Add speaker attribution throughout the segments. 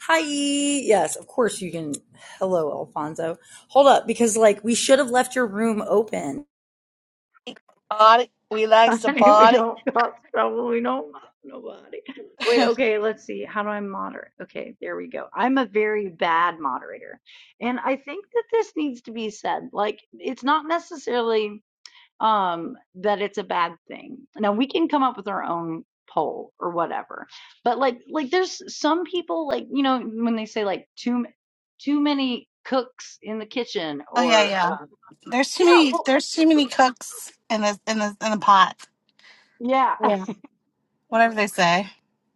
Speaker 1: Hi. Yes, of course you can. Hello, Alfonso. Hold up, because like we should have left your room open.
Speaker 2: Body, we like some
Speaker 1: we
Speaker 2: body.
Speaker 1: don't cause trouble. don't mock nobody. Wait, okay, let's see. How do I moderate? Okay, there we go. I'm a very bad moderator. And I think that this needs to be said. Like, it's not necessarily um, that it's a bad thing. Now we can come up with our own poll or whatever, but like like there's some people like you know when they say like too m- too many cooks in the kitchen
Speaker 2: Oh yeah,
Speaker 1: or
Speaker 2: yeah.
Speaker 1: um,
Speaker 2: There's too
Speaker 1: yeah
Speaker 2: many.
Speaker 1: well
Speaker 2: There's too many cooks in the in the in the pot.
Speaker 1: yeah.
Speaker 2: Yeah. Whatever they say.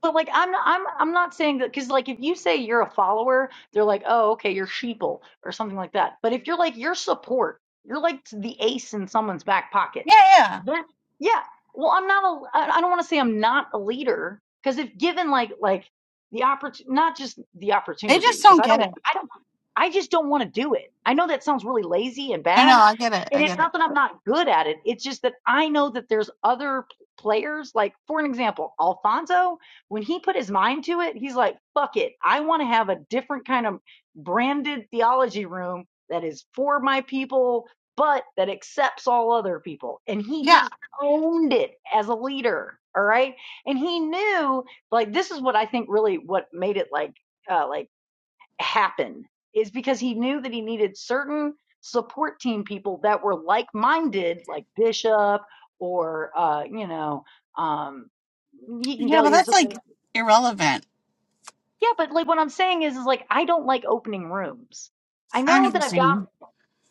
Speaker 1: But like I'm not, I'm I'm not saying that because like if you say you're a follower, they're like oh okay you're sheeple or something like that. But if you're like your support, you're like the ace in someone's back pocket.
Speaker 2: Yeah, yeah.
Speaker 1: Yeah. Yeah. Well, I'm not a, I I don't want to say I'm not a leader because if given like, like the opportunity, not just the
Speaker 2: They
Speaker 1: opportunity,
Speaker 2: just
Speaker 1: because
Speaker 2: don't
Speaker 1: I
Speaker 2: get
Speaker 1: don't,
Speaker 2: it.
Speaker 1: I don't, I just don't want to do it. I know that sounds really lazy and
Speaker 2: No,
Speaker 1: bad.
Speaker 2: no, I get it.
Speaker 1: And
Speaker 2: I
Speaker 1: it's
Speaker 2: get it.
Speaker 1: not that I'm not good at it. It's just that I know that there's other p- players. Like, for an example, Alfonso, when he put his mind to it, he's like, fuck it. I want to have a different kind of branded theology room that is for my people but that accepts all other people. And he
Speaker 2: Yeah,
Speaker 1: just owned it as a leader. All right. And he knew like this is what I think really what made it like uh like happen is because he knew that he needed certain support team people that were like minded, like Bishop or uh, you know, um he can
Speaker 2: yeah.
Speaker 1: tell
Speaker 2: But
Speaker 1: you
Speaker 2: that's
Speaker 1: something.
Speaker 2: like irrelevant.
Speaker 1: Yeah, but like what I'm saying is is like I don't like opening rooms. I
Speaker 2: I
Speaker 1: know that I've got
Speaker 2: understand.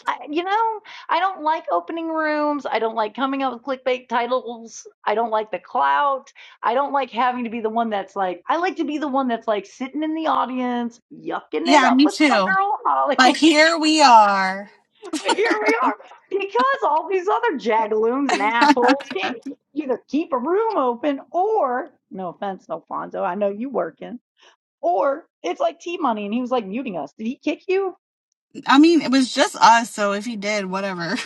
Speaker 1: I, you know, I don't like opening rooms. I don't like coming up with clickbait titles. I don't like the clout. I don't like having to be the one that's like, I like to be the one that's like sitting in the audience, yucking it
Speaker 2: Yeah,
Speaker 1: up
Speaker 2: me
Speaker 1: with my
Speaker 2: too.
Speaker 1: girl
Speaker 2: But
Speaker 1: Holly.
Speaker 2: here we are.
Speaker 1: Here we are. Because all these other jagaloons and assholes can't either keep a room open or, no offense, Alfonso, I know you working, or it's like T Money and he was like muting us. Did he kick you?
Speaker 2: I mean, it was just us. So if he did, whatever.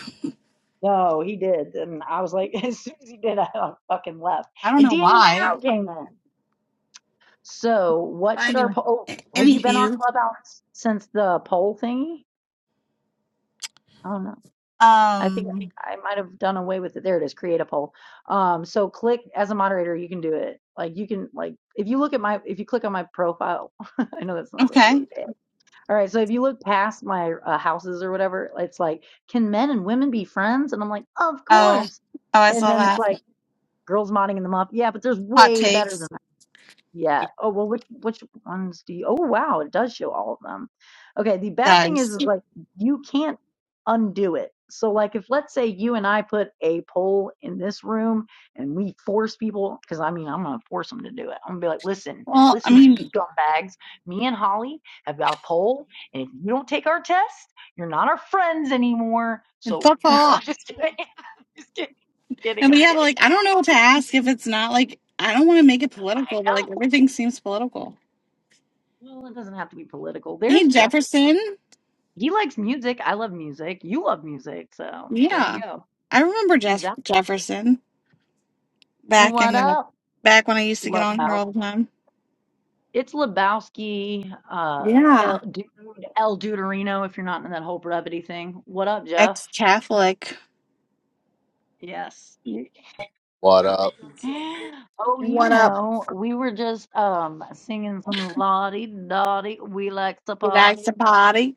Speaker 1: No, he did. And I was like, as soon as he did, I fucking left.
Speaker 2: I don't
Speaker 1: And
Speaker 2: know
Speaker 1: Daniel
Speaker 2: why.
Speaker 1: Nero came in. So what
Speaker 2: But
Speaker 1: should our
Speaker 2: anyway,
Speaker 1: poll?
Speaker 2: a-
Speaker 1: Oh, have you been on
Speaker 2: anywho.
Speaker 1: Clubhouse since the poll thingy? I don't know. I think
Speaker 2: Um.
Speaker 1: I might have done away with it. There it is. Create a poll. Um, so click as a moderator, you can do it. Like you can like if you look at my if you click on my profile, I know that sounds like
Speaker 2: Okay.
Speaker 1: lazy. all right. So if you look past my uh, houses or whatever, it's like, can men and women be friends? And I'm like, of
Speaker 2: Oh.
Speaker 1: course.
Speaker 2: Oh, I
Speaker 1: And
Speaker 2: saw
Speaker 1: then it's
Speaker 2: that.
Speaker 1: like Girls modding in the muff. Yeah, but there's
Speaker 2: Hot
Speaker 1: way better than
Speaker 2: takes.
Speaker 1: that. Yeah. Oh well, which which ones do you? Oh wow, it does show all of them. Okay. The bad thing
Speaker 2: Does.
Speaker 1: is, is like you can't undo it. So like if let's say you and I put a poll in this room and we force people, because I mean I'm gonna force them to do it. I'm gonna be like, listen,
Speaker 2: Well, I
Speaker 1: listen, you
Speaker 2: mean,
Speaker 1: scumbags. Me and Holly have got a poll, and if you don't take our test, you're not our friends anymore. So
Speaker 2: fuck
Speaker 1: I'm
Speaker 2: off.
Speaker 1: just kidding. just kidding. Kidding.
Speaker 2: And we
Speaker 1: I'm
Speaker 2: have like, I don't
Speaker 1: kidding.
Speaker 2: know what to ask if it's not like, I don't want to make it
Speaker 1: I
Speaker 2: political, but like
Speaker 1: know.
Speaker 2: everything seems political.
Speaker 1: Well, it doesn't have to be political.
Speaker 2: Hey,
Speaker 1: There's Jefferson.
Speaker 2: Jefferson.
Speaker 1: He likes music. I love music. You love music. So there you
Speaker 2: Yeah,
Speaker 1: go.
Speaker 2: I remember Jeff-
Speaker 1: Exactly.
Speaker 2: Jefferson back in
Speaker 1: What
Speaker 2: the
Speaker 1: up,
Speaker 2: back when I used to get on here
Speaker 1: Lebowski?
Speaker 2: all the time.
Speaker 1: It's Lebowski, uh,
Speaker 2: Yeah,
Speaker 1: El, Dude, El Deuterino, if you're not in that whole brevity thing. What up, Jeff?
Speaker 2: ex-Catholic.
Speaker 1: Yes. You-
Speaker 3: What up?
Speaker 1: Oh, you
Speaker 2: What up?
Speaker 1: know, we were just um singing some Lottie Dottie. We like to
Speaker 2: You like
Speaker 1: party.
Speaker 2: to party?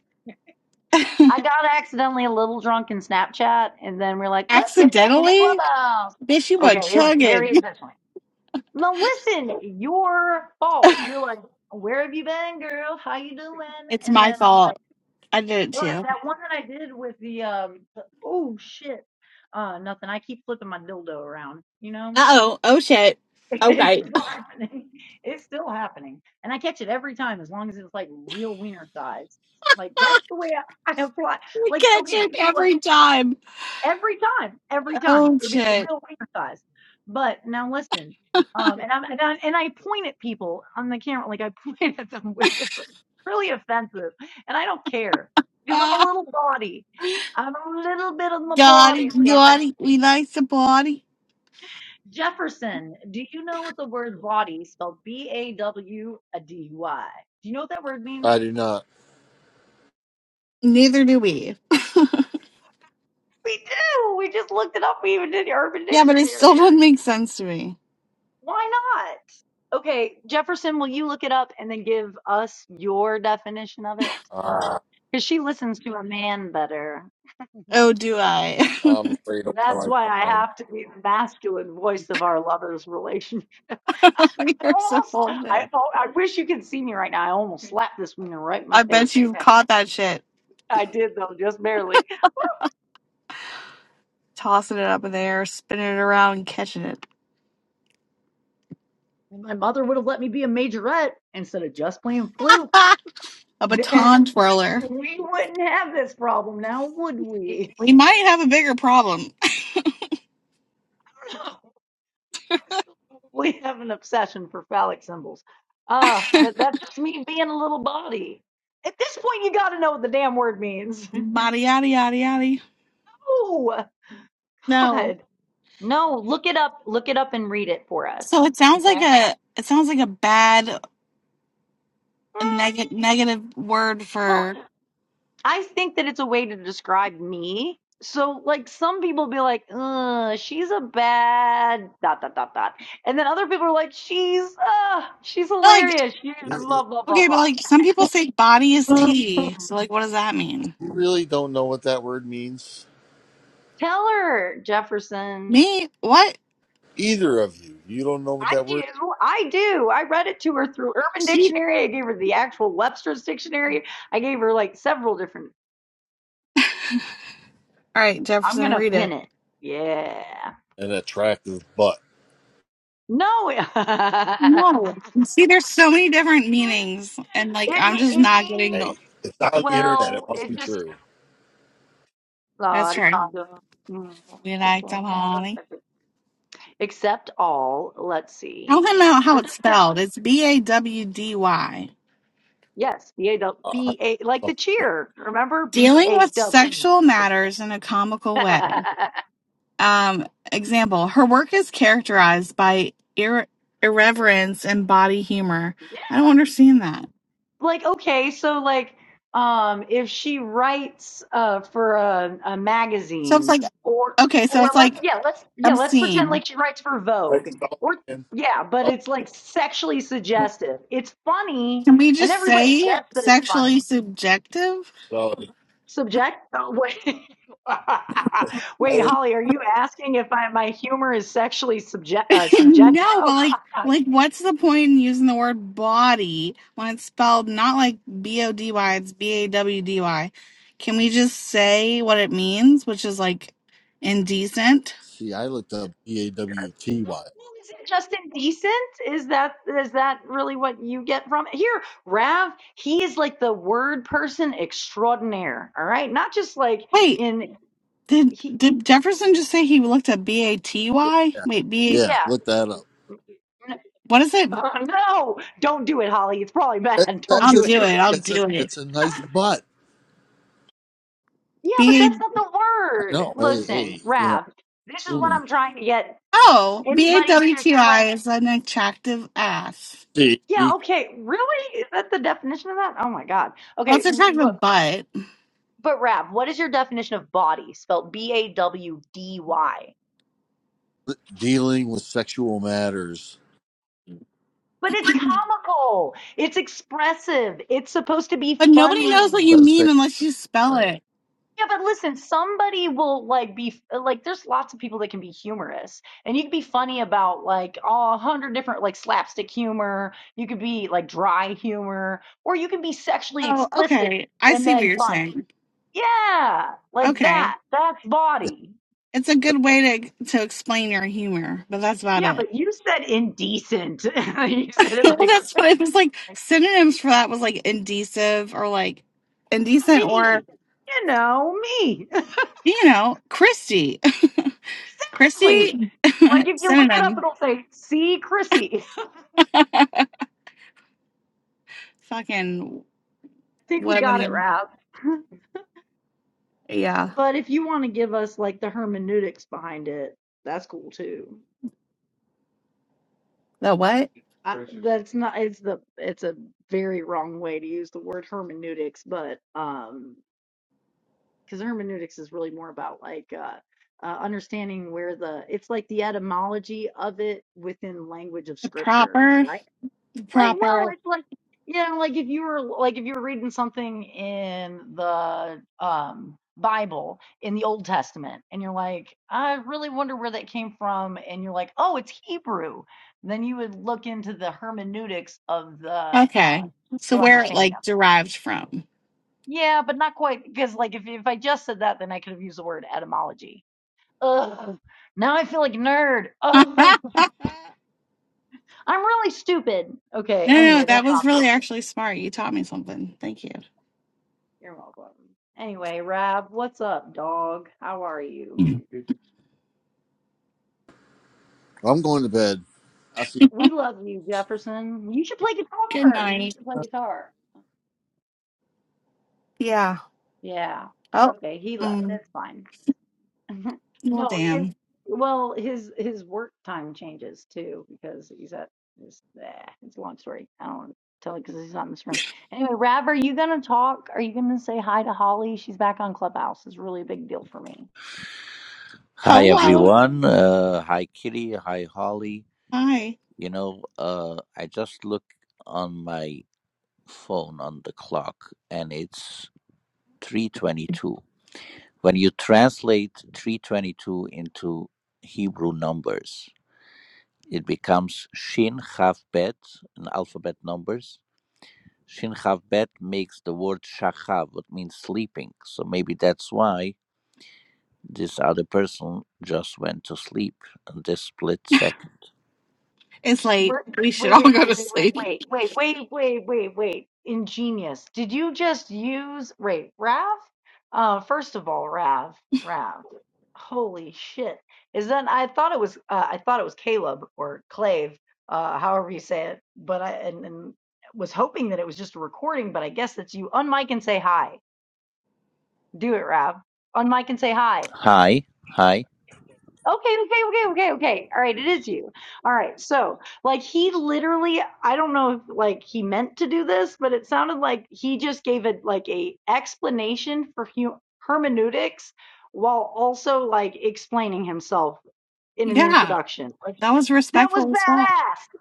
Speaker 1: I got accidentally a little drunk in Snapchat, and then we're like, let's get back into
Speaker 2: Accidentally,
Speaker 1: Clubhouse.
Speaker 2: bitch, you were
Speaker 1: Okay, it was
Speaker 2: chugging.
Speaker 1: very intentional. Now listen, your fault. You're like, where have you been, girl? How you doing?
Speaker 2: it's
Speaker 1: And
Speaker 2: my
Speaker 1: then I'm like,
Speaker 2: fault. I did it
Speaker 1: but
Speaker 2: too.
Speaker 1: that one that I did with the um, the, oh shit, uh, nothing. I keep flipping my dildo around, you know.
Speaker 2: Uh oh. Oh shit.
Speaker 1: It's
Speaker 2: Okay.
Speaker 1: still happening. It's still happening, and I catch it every time as long as it's like real wiener size. Like that's the way I, I apply.
Speaker 2: We
Speaker 1: Like
Speaker 2: catch him
Speaker 1: okay, so like.
Speaker 2: every time.
Speaker 1: Every time, every time.
Speaker 2: Oh
Speaker 1: If it's a
Speaker 2: shit.
Speaker 1: real wiener size. But now listen, um, and, I'm, and, I, and I point at people on the camera, like I point at them with it. It's Really offensive. And I don't care because I'm a
Speaker 2: Ah,
Speaker 1: little body. I'm a little bit on the body
Speaker 2: Yachty,
Speaker 1: side.
Speaker 2: yachty, we like to party.
Speaker 1: Jefferson, do you know what the word body spelled B A W D Y? Do you know what that word
Speaker 3: I
Speaker 1: means?
Speaker 3: do not.
Speaker 2: Neither do we.
Speaker 1: We do. We just looked it up. We even did Urban
Speaker 2: Yeah, but it
Speaker 1: Dictionary.
Speaker 2: still doesn't make sense to me.
Speaker 1: Why not? Okay, Jefferson, will you look it up and then give us your definition of it?
Speaker 3: Uh,
Speaker 1: Because she listens to a man better.
Speaker 2: Oh, do I?
Speaker 3: I'm afraid of
Speaker 1: That's
Speaker 3: what
Speaker 1: why
Speaker 3: I
Speaker 1: I
Speaker 3: find.
Speaker 1: have to be the masculine voice of our lovers' relationship. I
Speaker 2: You're so
Speaker 1: almost, I,
Speaker 2: bullshit.
Speaker 1: oh, I wish you could see me right now. I almost slapped this woman right in my
Speaker 2: I
Speaker 1: face.
Speaker 2: bet you
Speaker 1: Okay.
Speaker 2: caught that shit.
Speaker 1: I did though, just barely.
Speaker 2: Tossing it up in the air, spinning it around, catching it.
Speaker 1: If my mother would have let me be a majorette instead of just playing flute.
Speaker 2: Ah, a
Speaker 1: Then
Speaker 2: baton twirler.
Speaker 1: we wouldn't have this problem now, would we?
Speaker 2: We might have a bigger problem.
Speaker 1: we have an obsession for phallic symbols. Uh, but that's just me being a little body. At this point, you got to know what the damn word means.
Speaker 2: Yada yada yada yada.
Speaker 1: oh,
Speaker 2: No.
Speaker 1: God. No, look it up. Look it up and read it for
Speaker 2: So
Speaker 1: us.
Speaker 2: it sounds
Speaker 1: Okay.
Speaker 2: like a it sounds like a bad
Speaker 1: Mm,
Speaker 2: neg- negative word
Speaker 1: well,
Speaker 2: for
Speaker 1: I think that it's a way to describe me. So, like, some people be like, Ugh, she's a bad dot dot dot dot, and then other people are like, she's uh, she's
Speaker 2: like.
Speaker 1: hilarious, she's
Speaker 3: You,
Speaker 1: blah blah blah
Speaker 2: Okay, but
Speaker 1: blah.
Speaker 2: like some people say body is tea. So like what does that mean?
Speaker 3: you really don't know what that word means,
Speaker 1: Tell her, Jefferson.
Speaker 2: Me? What?
Speaker 3: either of you. You don't know what
Speaker 1: I
Speaker 3: that word.
Speaker 1: do. I do. I read it to her through Urban
Speaker 2: She
Speaker 1: Dictionary. I gave her the actual Webster's Dictionary. I gave her like several different.
Speaker 2: All right,
Speaker 1: I'm
Speaker 2: Jefferson,
Speaker 1: going to
Speaker 2: read
Speaker 1: pin
Speaker 2: it.
Speaker 1: it. Yeah.
Speaker 3: An attractive butt.
Speaker 1: No.
Speaker 2: No.
Speaker 1: it,
Speaker 2: See, there's so many different meanings and like I'm
Speaker 1: me-
Speaker 2: just
Speaker 1: it
Speaker 2: not getting
Speaker 1: means,
Speaker 2: the
Speaker 3: Hey, it's on the internet. It
Speaker 1: well,
Speaker 3: must
Speaker 1: it
Speaker 3: be
Speaker 1: just.
Speaker 3: true.
Speaker 2: That's right. We like some honey.
Speaker 1: Except all, let's
Speaker 2: Tell
Speaker 1: see.
Speaker 2: him out how
Speaker 1: What does
Speaker 2: it's
Speaker 1: that mean?
Speaker 2: spelled. It's B A W D Y.
Speaker 1: Yes, B A W
Speaker 3: Uh,
Speaker 1: B A like the
Speaker 3: something.
Speaker 1: cheer. Remember B
Speaker 2: Dealing
Speaker 1: A
Speaker 2: with
Speaker 1: W.
Speaker 2: sexual matters in a comical way. Um, example, her work is characterized by ir- irreverence and body humor. I don't understand that.
Speaker 1: like okay so like um if she writes uh for a, a
Speaker 2: So it's
Speaker 1: magazine
Speaker 2: like,
Speaker 1: or
Speaker 2: okay, so
Speaker 1: or
Speaker 2: it's
Speaker 1: let's
Speaker 2: like
Speaker 1: yeah let's yeah let's pretend
Speaker 2: obscene.
Speaker 1: like she writes for
Speaker 3: Right?
Speaker 1: vogue
Speaker 3: Spell
Speaker 1: or
Speaker 3: it again.
Speaker 1: yeah but
Speaker 3: Oh,
Speaker 1: it's like sexually suggestive it's funny
Speaker 2: Can we
Speaker 1: and
Speaker 2: just
Speaker 1: everybody
Speaker 2: say
Speaker 1: gets that it's funny
Speaker 2: sexually subjective?
Speaker 3: spell it.
Speaker 1: subject oh, wait
Speaker 3: I
Speaker 1: wait
Speaker 3: would-
Speaker 1: holly are you asking if I, my humor is sexually subject uh, subject
Speaker 2: no,
Speaker 1: oh
Speaker 2: but like,
Speaker 1: God, no,
Speaker 2: like, what's the point in using the word body when it's spelled not like B O D Y, it's B A W D Y? Can we just say what it means, which is like indecent?
Speaker 3: See, I looked up B A W T Y.
Speaker 1: Well, is it just indecent? Is that is that really what you get from it? Here, Rav, he is like the word person extraordinaire. All right, not just like
Speaker 2: Wait,
Speaker 1: in
Speaker 2: did
Speaker 1: he.
Speaker 2: did Jefferson just say he looked at B A T Y?
Speaker 3: Yeah,
Speaker 2: Wait, B
Speaker 3: yeah.
Speaker 1: Yeah,
Speaker 3: Look that up.
Speaker 1: N-
Speaker 2: what is it?
Speaker 1: uh, no, don't do it, Holly. It's probably
Speaker 3: It
Speaker 1: bad. Don't
Speaker 3: says
Speaker 2: I'll
Speaker 1: do
Speaker 3: it's
Speaker 2: do
Speaker 1: it.
Speaker 2: it. I'll
Speaker 3: it's a
Speaker 2: do
Speaker 3: it's a nice butt.
Speaker 1: Yeah, but
Speaker 2: it.
Speaker 1: that's not the
Speaker 3: I
Speaker 1: word.
Speaker 3: know. Hey,
Speaker 1: Listen,
Speaker 3: hey, you know.
Speaker 1: Rav, this is what
Speaker 3: human.
Speaker 1: I'm trying to get
Speaker 2: Oh,
Speaker 1: anybody to explain.
Speaker 2: BAWTI is an attractive ass.
Speaker 3: See.
Speaker 1: Yeah, okay, really? Is that the definition of that? Oh my God.
Speaker 2: Well,
Speaker 1: Okay,
Speaker 2: it's
Speaker 1: l- look.
Speaker 2: attractive butt,
Speaker 1: But Rav, what is your definition of body? Spelled B A W D Y.
Speaker 3: dealing with sexual matters.
Speaker 1: But it's comical. It's expressive. It's supposed to be
Speaker 2: but nobody knows what you
Speaker 1: funny.
Speaker 3: Does say
Speaker 2: mean unless you spell
Speaker 3: way.
Speaker 2: it.
Speaker 1: Yeah, but listen, somebody will like be like. There's lots of people that can be humorous, and you can be funny about like all a hundred different like slapstick humor. You could be like dry humor, or you can be sexually
Speaker 2: Oh,
Speaker 1: explicit
Speaker 2: okay. I
Speaker 1: and
Speaker 2: see what
Speaker 1: then
Speaker 2: you're
Speaker 1: fun.
Speaker 2: saying.
Speaker 1: Yeah, like
Speaker 2: Okay.
Speaker 1: that. That's
Speaker 3: Yeah.
Speaker 1: body.
Speaker 2: It's a good way to to explain your humor, but that's about
Speaker 1: Yeah,
Speaker 2: it.
Speaker 1: but you said indecent. you said it
Speaker 2: well,
Speaker 1: like
Speaker 2: that's what it was like. Synonyms for that was like indecent or like indecent or,
Speaker 1: me, you know, me.
Speaker 2: you know, Christy. Christy,
Speaker 1: Exactly. Like if you look it up,
Speaker 2: synonym.
Speaker 1: it'll say, see Chrissy. I
Speaker 2: Fucking
Speaker 1: think we got it
Speaker 2: webining.
Speaker 1: right.
Speaker 2: Yeah.
Speaker 1: But if you want to give us like the hermeneutics behind it, that's cool too.
Speaker 2: The what?
Speaker 1: I, Sure, sure. that's not it's the it's a very wrong way to use the word hermeneutics, but um because hermeneutics is really more about like uh uh, understanding where the it's like the etymology of it within language of
Speaker 2: The
Speaker 1: scripture
Speaker 2: proper,
Speaker 1: right?
Speaker 2: the
Speaker 1: Like, well,
Speaker 2: proper.
Speaker 1: it's like, you know, like if you were like if you were reading something in the um Bible in the Old Testament, and you're like, I really wonder where that came from, and you're like, oh, it's Hebrew. Then you would look into the hermeneutics of the uh,
Speaker 2: Okay. So
Speaker 1: Hebrew
Speaker 2: where it
Speaker 1: understanding of.
Speaker 2: like
Speaker 1: it.
Speaker 2: derived from.
Speaker 1: Yeah, but not quite because like if if I just said that, then I could have used the word etymology. Ugh, now I feel like a nerd.
Speaker 2: no,
Speaker 1: Ugh, I'm really stupid. Okay,
Speaker 2: no,
Speaker 1: anyway,
Speaker 2: that
Speaker 1: that's
Speaker 2: was
Speaker 1: obvious.
Speaker 2: really actually smart. You taught me something. Thank you.
Speaker 1: You're welcome. Anyway, Rab, what's up, dog? How are you?
Speaker 2: Mm.
Speaker 3: I'm going to bed. I see.
Speaker 1: We love you, Jefferson. You should play
Speaker 2: Good
Speaker 1: guitar. You
Speaker 2: night.
Speaker 1: should play guitar.
Speaker 2: Yeah.
Speaker 1: Yeah.
Speaker 2: Oh.
Speaker 1: Okay, he left.
Speaker 2: Mm.
Speaker 1: That's fine.
Speaker 2: Well,
Speaker 1: no, it,
Speaker 2: damn.
Speaker 1: well, his his work time changes too because he's at his. eh, it's a long story. I don't want to tell it because he's not in this room. Anyway, Rab, are you gonna talk? Are you gonna say hi to Holly? She's back on Clubhouse. It's really a big deal for me.
Speaker 4: Hi
Speaker 2: Hello.
Speaker 4: everyone. Uh, hi Kitty. Hi Holly.
Speaker 2: Hi.
Speaker 4: You know, uh, I just look on my phone on the clock, and it's three twenty-two. When you translate three twenty-two into Hebrew numbers, it becomes Shin Chav Bet in alphabet numbers. Shin Chav Bet makes the word Shachav, which means sleeping. So maybe that's why this other person just went to sleep in this split second.
Speaker 2: It's late.
Speaker 1: We're,
Speaker 2: We should
Speaker 1: wait,
Speaker 2: all
Speaker 1: wait,
Speaker 2: go
Speaker 1: wait,
Speaker 2: to
Speaker 1: wait, wait,
Speaker 2: sleep.
Speaker 1: wait, wait, wait, wait, wait, wait. Ingenious. Did you just use, wait, Rav? Uh, first of all, Rav, Rav. Holy shit. Is that, I thought it was, uh, I thought it was Caleb or Clave, uh, however you say it, but I, and, and was hoping that it was just a recording, but I guess that's you. Unmic and say hi. Do it, Rav. Unmic and say hi.
Speaker 4: Hi, hi.
Speaker 1: Okay, okay, okay, okay, okay. All right, it is you. All right. So, like, he literally, I don't know if like he meant to do this, but it sounded like he just gave it like a explanation for hu hermeneutics while also like explaining himself in an
Speaker 2: Yeah.
Speaker 1: introduction. Like,
Speaker 2: That was
Speaker 1: that was
Speaker 2: respectful as fuck.
Speaker 1: badass.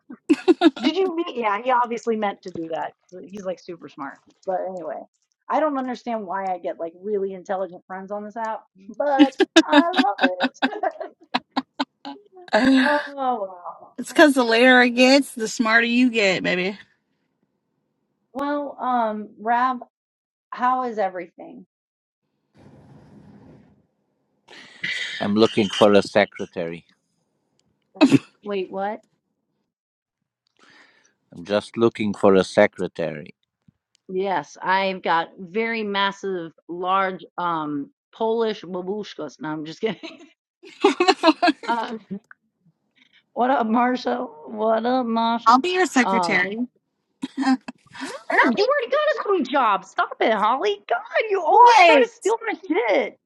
Speaker 1: Did you mean? Yeah, he obviously meant to do that. He's like super smart. But anyway, I don't understand why I get like really intelligent friends on this app, but I love it. Oh, wow.
Speaker 2: Uh, It's because the later it gets, the smarter you get, baby.
Speaker 1: Well, um, Rab, how is everything?
Speaker 4: I'm looking for a secretary.
Speaker 1: Wait, what?
Speaker 4: I'm just looking for a secretary.
Speaker 1: Yes, I've got very massive, large, um, Polish babushkas. No, I'm just kidding. Um, what up, Marshall? What up,
Speaker 2: I'll
Speaker 1: Marshall?
Speaker 2: be your
Speaker 1: Um,
Speaker 2: secretary.
Speaker 1: no, you already got
Speaker 2: Really?
Speaker 1: a sweet job. Stop it, Holly. God, you always try to
Speaker 2: What?
Speaker 1: steal my shit.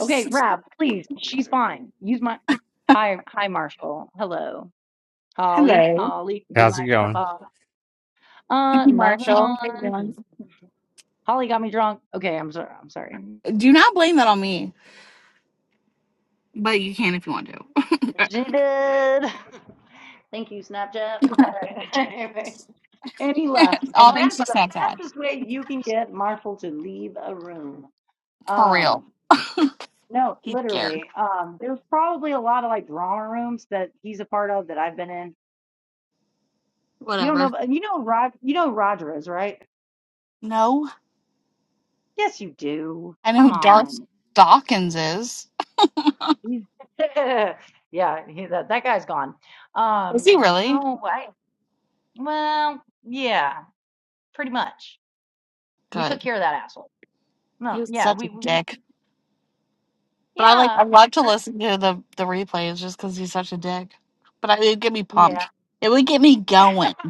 Speaker 1: Okay, Rab, please. She's fine. Use my. Hi, hi, Marshall. Hello, Holly.
Speaker 2: Hello.
Speaker 1: Holly,
Speaker 5: how's it
Speaker 1: relax.
Speaker 5: going
Speaker 1: Uh,
Speaker 2: Thank
Speaker 1: Uh,
Speaker 2: you,
Speaker 1: nothing
Speaker 2: Marshall. How you doing?
Speaker 1: much. Holly got me drunk. Okay, I'm sorry. I'm sorry.
Speaker 2: Do not blame that on me, but you can if you want to.
Speaker 1: She did. Thank you, Snapchat. All right. Anyway, and he left,
Speaker 2: All
Speaker 1: and
Speaker 2: thanks
Speaker 1: that's
Speaker 2: to
Speaker 1: the
Speaker 2: Snapchat.
Speaker 1: fastest way you can get Marshall to leave a room.
Speaker 2: For
Speaker 1: Um,
Speaker 2: real.
Speaker 1: no,
Speaker 2: He's scared.
Speaker 1: literally. Um, there's probably a lot of like drama rooms that he's a part of that I've been in. You don't
Speaker 2: Whatever.
Speaker 1: know, you know, Rod, you know Roger is right.
Speaker 2: No.
Speaker 1: Yes, you do.
Speaker 2: I know
Speaker 1: Come
Speaker 2: who Darth
Speaker 1: on.
Speaker 2: Dawkins is.
Speaker 1: He's- yeah, he, that that guy's gone.
Speaker 2: Is
Speaker 1: Um,
Speaker 2: he really?
Speaker 1: no, I well, yeah, pretty much. We took
Speaker 2: Good.
Speaker 1: care of that asshole.
Speaker 2: He
Speaker 1: No,
Speaker 2: was
Speaker 1: yeah,
Speaker 2: such a
Speaker 1: we, we we-
Speaker 2: dick. But I like I
Speaker 1: yeah,
Speaker 2: love to
Speaker 1: I-
Speaker 2: listen to the, the replays just because he's such a dick. But I, it would get me
Speaker 1: yeah.
Speaker 2: pumped. It would get me going.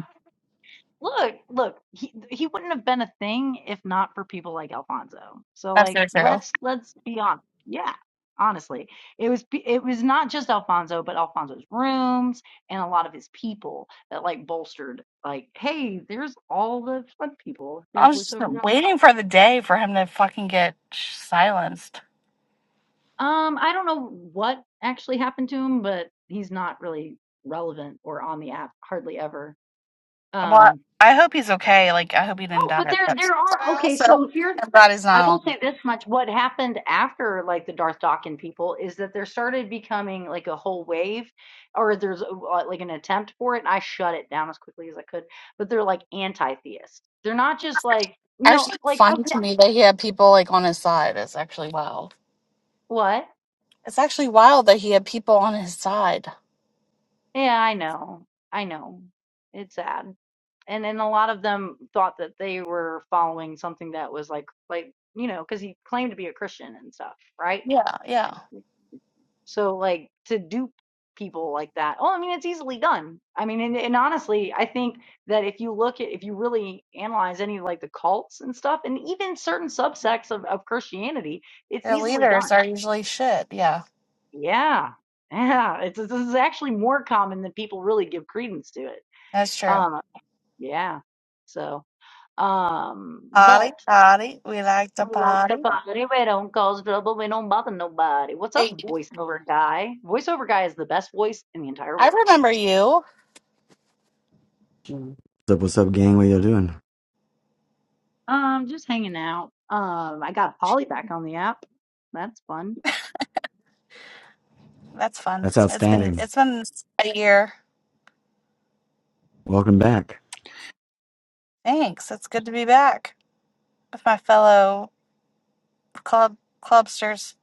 Speaker 1: Look, look, he he wouldn't have been a thing if not for people like Alfonso. So
Speaker 2: That's
Speaker 1: like
Speaker 2: so true.
Speaker 1: let's let's be honest. Yeah. Honestly, it was pe- it was not just Alfonso, but Alfonso's rooms and a lot of his people that like bolstered like, hey, there's all the fun people.
Speaker 2: I
Speaker 1: There's
Speaker 2: was just
Speaker 1: voiceover. guy.
Speaker 2: waiting for the day for him to fucking get silenced.
Speaker 1: Um, I don't know what actually happened to him, but he's not really relevant or on the app hardly ever.
Speaker 2: Well,
Speaker 1: Um,
Speaker 2: I hope he's okay. Like, I hope he didn't
Speaker 1: oh, but
Speaker 2: die.
Speaker 1: there
Speaker 2: That's
Speaker 1: there are
Speaker 2: I
Speaker 1: okay.
Speaker 2: also
Speaker 1: So here's
Speaker 2: am glad he's
Speaker 1: I will
Speaker 2: not on.
Speaker 1: say this much. What happened after like the Darth Dawkins people is that there started becoming like a whole wave or there's uh, like an attempt for it. And I shut it down as quickly as I could, but they're like anti theist. They're not just like, you know,
Speaker 2: Actually, it's
Speaker 1: like, I,
Speaker 2: funny to me that he had people like on his side. It's actually wild.
Speaker 1: what?
Speaker 2: It's actually wild that he had people on his side.
Speaker 1: Yeah, I know. I know. It's sad. And then a lot of them thought that they were following something that was like, like, you know, because he claimed to be a Christian and stuff, right?
Speaker 2: Yeah, yeah.
Speaker 1: So like to dupe people like that. Oh, I mean, it's easily done. I mean, and, and honestly, I think that if you look at if you really analyze any of like the cults and stuff, and even certain subsects of, of Christianity, it's
Speaker 2: Their
Speaker 1: easily
Speaker 2: leaders
Speaker 1: done.
Speaker 2: are usually shit. Yeah,
Speaker 1: Yeah. Yeah. It's this is actually more common than people really give credence to it.
Speaker 2: that's true.
Speaker 1: Uh yeah. So um but
Speaker 2: Party, party. We like to
Speaker 1: that's the
Speaker 2: party.
Speaker 1: part. Anyway, don't cause trouble. We don't bother nobody. What's up,
Speaker 2: Hey,
Speaker 1: voiceover guy? Voiceover guy is the best voice in the entire
Speaker 2: I
Speaker 1: world.
Speaker 2: remember you.
Speaker 6: What's up, what's up, gang? What y'all doing?
Speaker 1: Um, just hanging out. Um, I got Polly back on the app. That's fun.
Speaker 2: That's fun.
Speaker 6: That's
Speaker 2: It's been
Speaker 6: outstanding.
Speaker 2: it's been a year.
Speaker 6: Welcome back.
Speaker 2: Thanks. It's good to be back with my fellow club clubsters.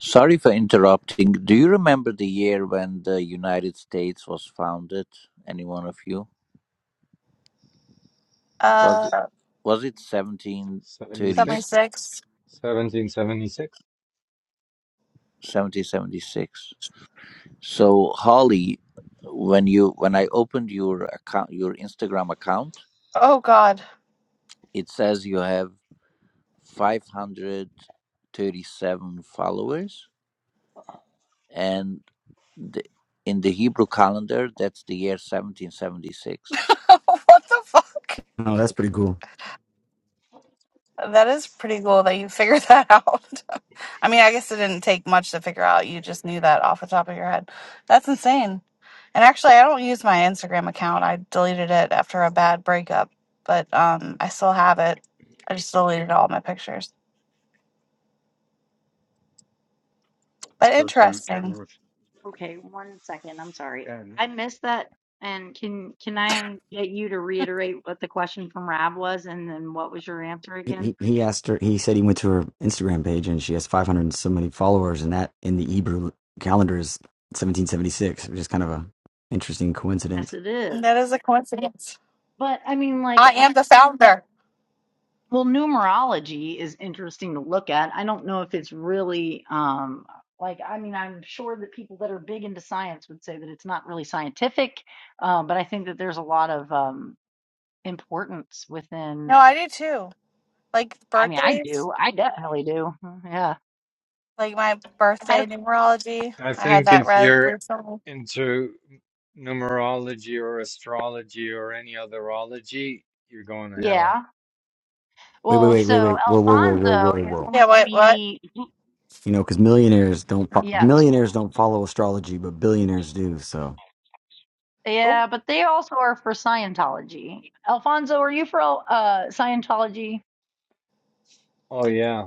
Speaker 4: Sorry for interrupting. Do you remember the year when the United States was founded? Any one of you? Was it
Speaker 2: Uh.
Speaker 4: was it
Speaker 7: Seventy
Speaker 4: 1730
Speaker 7: six,
Speaker 2: 76.
Speaker 7: 1776.
Speaker 4: So Holly, when you when I opened your account your Instagram account,
Speaker 2: Oh, God.
Speaker 4: it says you have 537 followers. and the, in the Hebrew calendar, that's the year 1776.
Speaker 2: what the fuck?
Speaker 6: Oh, that's pretty cool.
Speaker 2: That is pretty cool that you figured that out. I mean, I guess it didn't take much to figure out. You just knew that off the top of your head. That's insane. And actually, I don't use my Instagram account. I deleted it after a bad breakup, but um, I still have it. I just deleted all my pictures. But interesting.
Speaker 1: Okay, one second. I'm sorry. I missed that. And can can I get you to reiterate what the question from Rab was and then what was your answer
Speaker 6: He,
Speaker 1: again?
Speaker 6: he he asked her. He said he went to her Instagram page and she has 500 and so many followers, and that in the Hebrew calendar is 1776, which is kind of a interesting
Speaker 1: Yes,
Speaker 6: coincidence.
Speaker 1: it is.
Speaker 2: That is a coincidence.
Speaker 1: But I mean, like,
Speaker 2: I
Speaker 1: uh,
Speaker 2: am the founder.
Speaker 1: well, numerology is interesting to look at. I don't know if it's really um like I mean, I'm sure that people that are big into science would say that it's not really scientific, uh, but I think that there's a lot of um importance
Speaker 2: No,
Speaker 1: within
Speaker 2: I do too. Like
Speaker 1: I mean I
Speaker 2: birthdays.
Speaker 1: do. I definitely do. mm, Yeah.
Speaker 2: like my
Speaker 1: I
Speaker 2: birthday
Speaker 1: don't-
Speaker 2: numerology.
Speaker 7: I
Speaker 2: I had
Speaker 7: think
Speaker 2: that
Speaker 7: if
Speaker 2: re-
Speaker 7: you're
Speaker 2: recently.
Speaker 7: into numerology or astrology or any other ology, you're going to hell.
Speaker 1: yeah.
Speaker 6: Wait, wait,
Speaker 1: Well,
Speaker 6: wait,
Speaker 1: so
Speaker 6: wait, wait. Whoa, whoa, whoa, whoa,
Speaker 1: Alfonso
Speaker 6: whoa,
Speaker 1: is
Speaker 6: whoa.
Speaker 2: Yeah,
Speaker 1: going to
Speaker 2: what, what?
Speaker 1: be
Speaker 6: You know, because millionaires don't fo-
Speaker 1: yes.
Speaker 6: millionaires don't follow astrology, but billionaires do. So,
Speaker 2: Ooh,
Speaker 1: Yeah, but they also are for Scientology. Alfonso, are you for uh Scientology?
Speaker 7: Oh, yeah.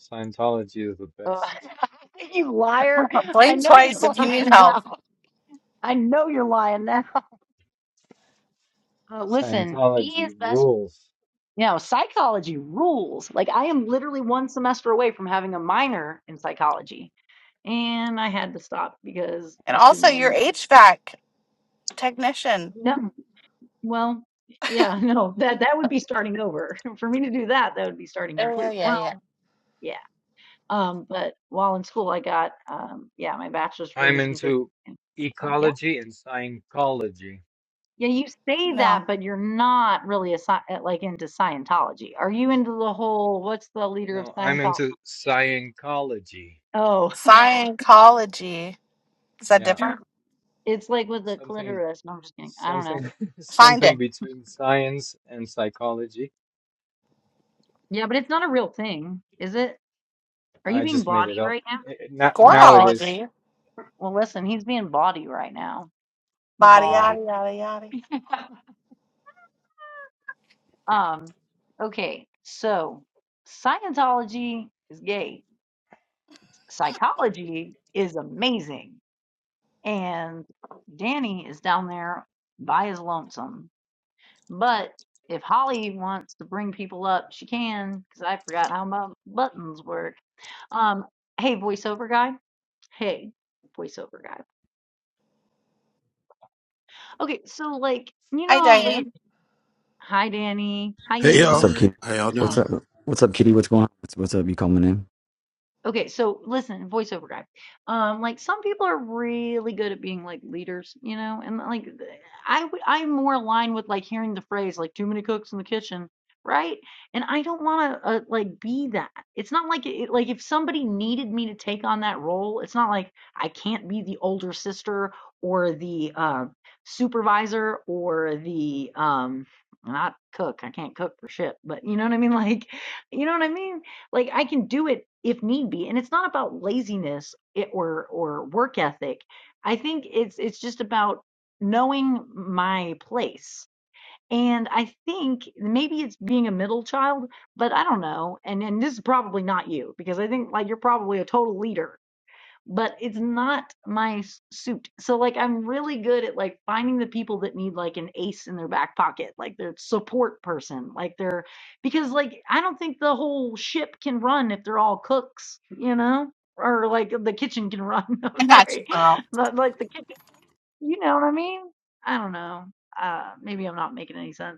Speaker 7: Scientology is the
Speaker 1: Uh,
Speaker 7: best.
Speaker 1: you liar. I
Speaker 2: blink
Speaker 1: know you're
Speaker 2: twice if you need
Speaker 1: lying
Speaker 2: help.
Speaker 1: now. I know you're lying now. Uh, listen, he is
Speaker 7: Scientology
Speaker 1: best.
Speaker 7: rules.
Speaker 1: You know, psychology rules. Like, I am literally one semester away from having a minor in psychology and I had to stop because
Speaker 2: And
Speaker 1: my student
Speaker 2: also your
Speaker 1: loan.
Speaker 2: HVAC technician.
Speaker 1: No, well, yeah, no, that that would be starting over for me to do that. That would be starting
Speaker 2: Oh, yeah,
Speaker 1: completely.
Speaker 2: yeah, yeah.
Speaker 1: Well, yeah, um, but while in school, I got um, yeah, my bachelor's degree
Speaker 7: I'm
Speaker 1: was in physics.
Speaker 7: into
Speaker 1: and- Yeah,
Speaker 7: ecology and psychology.
Speaker 1: yeah, you say that,
Speaker 2: No.
Speaker 1: but you're not really a sci- uh, like into Scientology. Are you into the whole? What's the leader of
Speaker 7: No, I'm
Speaker 1: Scientology?
Speaker 7: into psychology.
Speaker 1: Oh,
Speaker 2: Scientology. Is that
Speaker 7: Yeah.
Speaker 1: it-
Speaker 2: different?
Speaker 1: it's like with the
Speaker 7: Something,
Speaker 1: clitoris. No, I'm just kidding. I don't know.
Speaker 7: something,
Speaker 2: Find
Speaker 7: something
Speaker 2: it.
Speaker 7: between science and psychology.
Speaker 1: Yeah, but it's not a real thing, is it? Are you
Speaker 7: I
Speaker 1: being
Speaker 7: just made it
Speaker 1: body
Speaker 7: up.
Speaker 1: right now?
Speaker 7: It, it- now,
Speaker 1: Yeah,
Speaker 7: now it
Speaker 1: but
Speaker 7: is.
Speaker 2: Scorology.
Speaker 1: well, listen, he's being bawdy right now.
Speaker 2: Body,
Speaker 7: Yeah.
Speaker 1: Bawdy.
Speaker 2: yada, yada, yada.
Speaker 1: Um, okay, so Scientology is gay. Psychology is amazing. And Danny is down there by his lonesome. But if Holly wants to bring people up, she can, because I forgot how my buttons work. Um, hey, voiceover guy. Hey, voiceover guy. Okay, so like, you
Speaker 2: Hi,
Speaker 1: know, there's
Speaker 2: Diane.
Speaker 1: Hi, Danny.
Speaker 8: Hey
Speaker 6: what's
Speaker 8: y'all,
Speaker 6: up,
Speaker 1: Hi.
Speaker 6: Kitty?
Speaker 8: how y'all
Speaker 1: Um,
Speaker 8: doing?
Speaker 6: What's up? What's up, Kitty? What's going on? What's, what's up? You call my name.
Speaker 1: Okay, so listen, voiceover guy. Um, like some people are really good at being like leaders, you know, and like th- I would, I'm more aligned with like hearing the phrase like too many cooks in the kitchen, right? And I don't want to uh, like be that. It's not like it, like if somebody needed me to take on that role, it's not like I can't be the older sister or the uh, supervisor or the um not cook. I can't cook for shit, but you know what I mean? Like, you know what I mean? like I can do it if need be. And it's not about laziness it- or or work ethic. I think it's it's just about knowing my place. And I think maybe it's being a middle child, but I don't know. And and this is probably not you because I think like you're probably a total leader but it's not my s- suit. So like I'm really good at like finding the people that need like an ace in their back pocket, like their support person, like their because like I don't think the whole ship can run if they're all cooks, you know? Or like the kitchen can run. I'm
Speaker 2: I got you,
Speaker 1: sorry.
Speaker 2: girl.
Speaker 1: But like the kitchen, you know what I mean? I don't know. Uh maybe I'm not making any sense.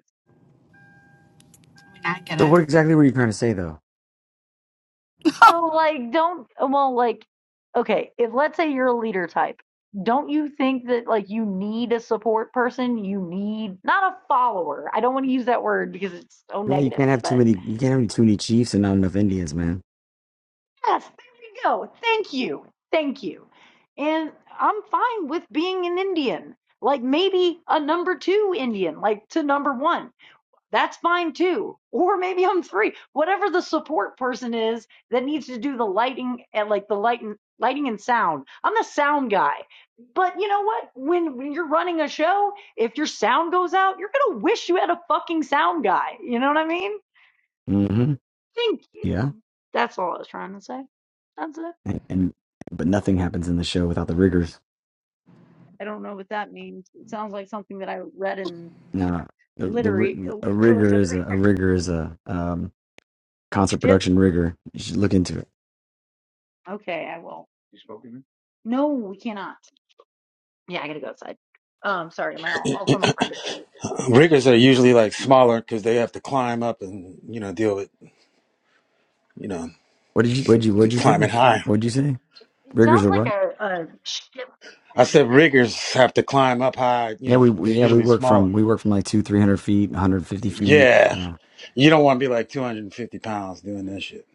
Speaker 2: I get
Speaker 6: So,
Speaker 2: it.
Speaker 6: what exactly were you trying to say, though?
Speaker 1: No, like don't well like okay, if let's say you're a leader type, don't you think that like you need a support person? You need not a follower. I don't want to use that word because it's so
Speaker 6: No, you
Speaker 1: negative,
Speaker 6: can't have too
Speaker 1: but
Speaker 6: many. You can't have too many Chiefs and not enough Indians, man.
Speaker 1: yes, there we go. Thank you. Thank you. And I'm fine with being an Indian. Like maybe a number 2 Indian, like to number 1. That's fine too. Or maybe I'm three. Whatever the support person is that needs to do the lighting and like the lighting lighting and sound. I'm the sound guy. But you know what? When, when you're running a show, if your sound goes out, you're gonna wish you had a fucking sound guy. You know what I mean?
Speaker 6: hmm
Speaker 1: Thank
Speaker 6: Yeah,
Speaker 1: you. That's all I was trying to say. That's it.
Speaker 6: and, and but nothing happens in the show without the riggers.
Speaker 1: I don't know what that means. It sounds like something that I read in
Speaker 6: No, the the
Speaker 1: literary
Speaker 6: ri- a rigor is
Speaker 1: literary
Speaker 6: a, a rigor is a um concert
Speaker 1: shit.
Speaker 6: production rigor. You should look into it.
Speaker 1: Okay, I will. No, we cannot. Yeah, I gotta go outside. Um, sorry, my also my friend is here.
Speaker 8: Riggers are usually like smaller because they have to climb up and you know deal with you know
Speaker 6: What did you what did you what did you
Speaker 8: climbing
Speaker 6: say?
Speaker 8: high.
Speaker 6: What did you say?
Speaker 1: It
Speaker 6: Riggers
Speaker 1: sounds
Speaker 6: are
Speaker 1: like
Speaker 6: what?
Speaker 1: a, a shit
Speaker 8: I
Speaker 1: thing.
Speaker 8: said riggers have to climb up high. You
Speaker 6: Yeah,
Speaker 8: know
Speaker 6: we
Speaker 8: they're
Speaker 6: we- yeah we
Speaker 8: usually
Speaker 6: work
Speaker 8: smaller.
Speaker 6: from we work from like two three hundred feet, one hundred fifty feet.
Speaker 8: Yeah,
Speaker 6: Yeah,
Speaker 8: you don't want to be like 250 pounds doing that shit.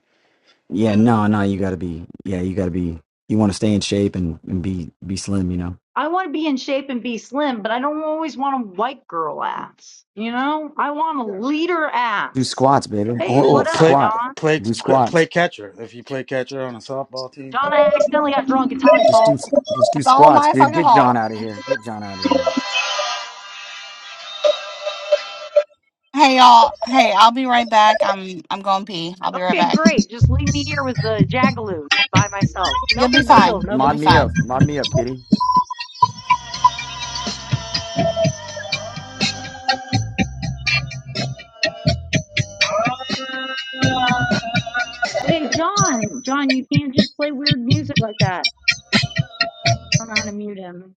Speaker 6: yeah. No, no. You got to be. Yeah, you got to be. You want to stay in shape and and be be slim. You know,
Speaker 1: I want to be in shape and be slim, but I don't always want a white girl ass. You know, I want a leader
Speaker 6: do
Speaker 1: ass.
Speaker 6: squats, baby.
Speaker 1: Hey,
Speaker 8: Well,
Speaker 6: Do
Speaker 8: well,
Speaker 1: what up,
Speaker 8: play
Speaker 6: squats.
Speaker 1: Don?
Speaker 8: play
Speaker 6: Do squats.
Speaker 8: play catcher if you play catcher on a softball team.
Speaker 1: Don, I accidentally got drunk. It's Holly's
Speaker 6: Just do
Speaker 1: fault.
Speaker 6: just do
Speaker 2: It's all
Speaker 6: squats,
Speaker 2: my
Speaker 6: dude.
Speaker 2: fucking
Speaker 6: Get
Speaker 2: fault.
Speaker 6: John out of here. Get John out of here.
Speaker 2: Hey, y'all. Hey, I'll be right back. I'm I'm going pee. I'll be right
Speaker 1: Okay,
Speaker 2: back.
Speaker 1: great. Just leave me here with the jagaloons by myself. No
Speaker 2: You'll be
Speaker 1: big
Speaker 6: Hey,
Speaker 1: deal.
Speaker 2: fine.
Speaker 1: No
Speaker 2: You'll
Speaker 1: big
Speaker 2: be
Speaker 6: mod me
Speaker 1: deal.
Speaker 2: fine.
Speaker 6: up. Mod me up, kitty.
Speaker 1: Okay, John. John, you can't just play weird music like that. I don't know how to mute him.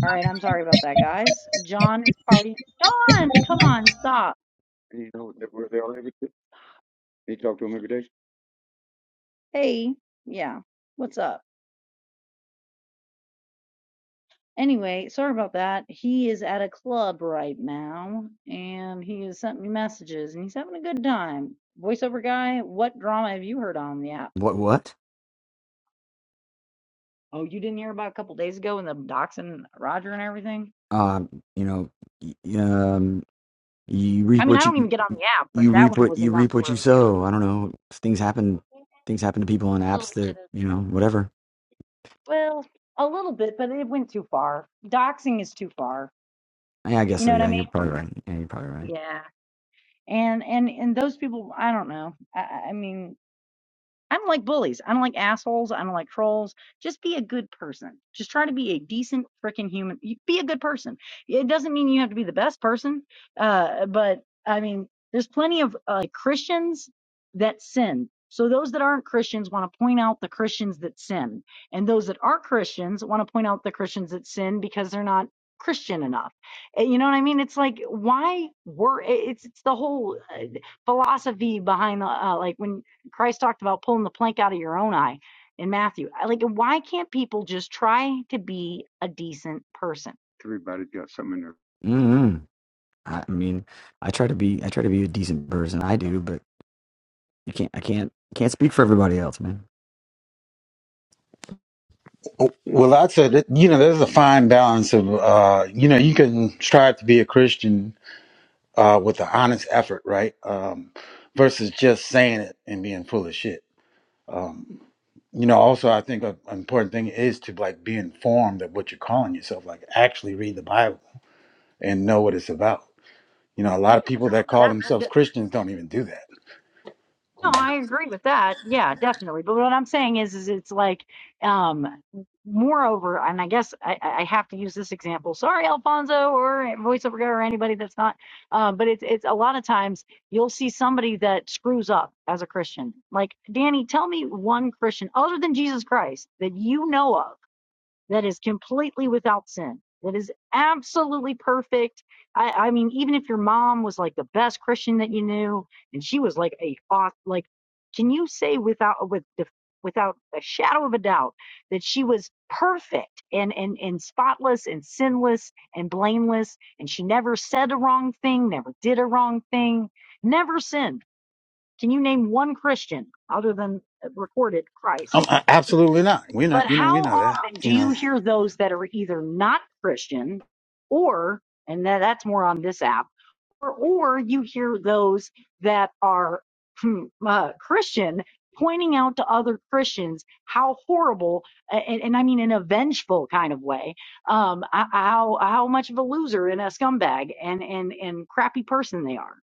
Speaker 1: All right, I'm sorry about that, guys. John is partying. John, come on, stop. Hey, yeah, what's up? Anyway, sorry about that. He is at a club right now, and he has sent me messages, and he's having a good time. Voiceover guy, what drama have you heard on the app?
Speaker 6: What what?
Speaker 1: Oh, you didn't hear about a couple days ago when the dachshund Roger and everything?
Speaker 6: Um, you know, y- um, you
Speaker 1: I
Speaker 6: reap
Speaker 1: mean, I
Speaker 6: what
Speaker 1: don't even
Speaker 6: you
Speaker 1: get on the app, but
Speaker 6: you
Speaker 1: that
Speaker 6: reap
Speaker 1: one
Speaker 6: what
Speaker 1: was
Speaker 6: you
Speaker 1: enough
Speaker 6: reap
Speaker 1: for
Speaker 6: what you sow. I don't know. Things happen. Things happen to people on
Speaker 1: a little
Speaker 6: apps
Speaker 1: bit
Speaker 6: that
Speaker 1: of,
Speaker 6: you know whatever.
Speaker 1: well, a little bit, but it went too far. Doxing is too far.
Speaker 6: Yeah, I guess
Speaker 1: You know
Speaker 6: so.
Speaker 1: what I
Speaker 6: Yeah,
Speaker 1: mean?
Speaker 6: you're probably right. Yeah, you're probably right.
Speaker 1: Yeah. And and and those people, I don't know. I, I mean, I don't like bullies. I don't like assholes. I don't like trolls. Just be a good person. Just try to be a decent freaking human. You- Be a good person. It doesn't mean you have to be the best person, uh, but I mean, there's plenty of uh, like, Christians that sin. So those that aren't Christians want to point out the Christians that sin, and those that are Christians want to point out the Christians that sin because they're not Christian enough. Uh, You know what I mean? It's like why were it's it's the whole uh, philosophy behind the, uh, like when Christ talked about pulling the plank out of your own eye in Matthew. Like, why can't people just try to be a decent person?
Speaker 6: Mm-hmm. I, I mean, I try to be I try to be a decent person. I do, but you can't. I can't. Can't speak for everybody else, man.
Speaker 8: Well, I said that you know there's a fine balance of uh, you know you can strive to be a Christian uh, with an honest effort, right? Um, versus just saying it and being full of shit. Um, you know, also I think an important thing is to like be informed of what you're calling yourself. Like actually read the Bible and know what it's about. You know, a
Speaker 1: Yeah,
Speaker 8: lot of people
Speaker 1: no,
Speaker 8: that call
Speaker 1: that,
Speaker 8: themselves
Speaker 1: that-
Speaker 8: Christians don't even do that.
Speaker 1: no,
Speaker 8: You know?
Speaker 1: I agree with that. Yeah, definitely. But what I'm saying is, is it's like, um, moreover, and I guess I, I have to use this example. Sorry, Alfonso, or voiceover guy, or anybody that's not. Um, but it's it's a lot of times you'll see somebody that screws up as a Christian. Like Danny, tell me one Christian other than Jesus Christ that you know of that is completely without sin, that is absolutely perfect. I, I mean, even if your mom was like the best Christian that you knew, and she was like a like, can you say without with the without a shadow of a doubt that she was perfect and, and and spotless and sinless and blameless and she never said a wrong thing never did a wrong thing never sinned can you name one christian other than uh, recorded christ
Speaker 8: um, I- absolutely not. We know,
Speaker 1: but
Speaker 8: you know, we
Speaker 1: how
Speaker 8: know that.
Speaker 1: often do
Speaker 8: You
Speaker 1: you
Speaker 8: know,
Speaker 1: hear those that are either not Christian or, and that's more on this app, or, or you hear those that are hmm, uh, Christian pointing out to other Christians how horrible, and, and I mean in a vengeful kind of way, um, how, how much of a loser and a scumbag and, and, and crappy person they are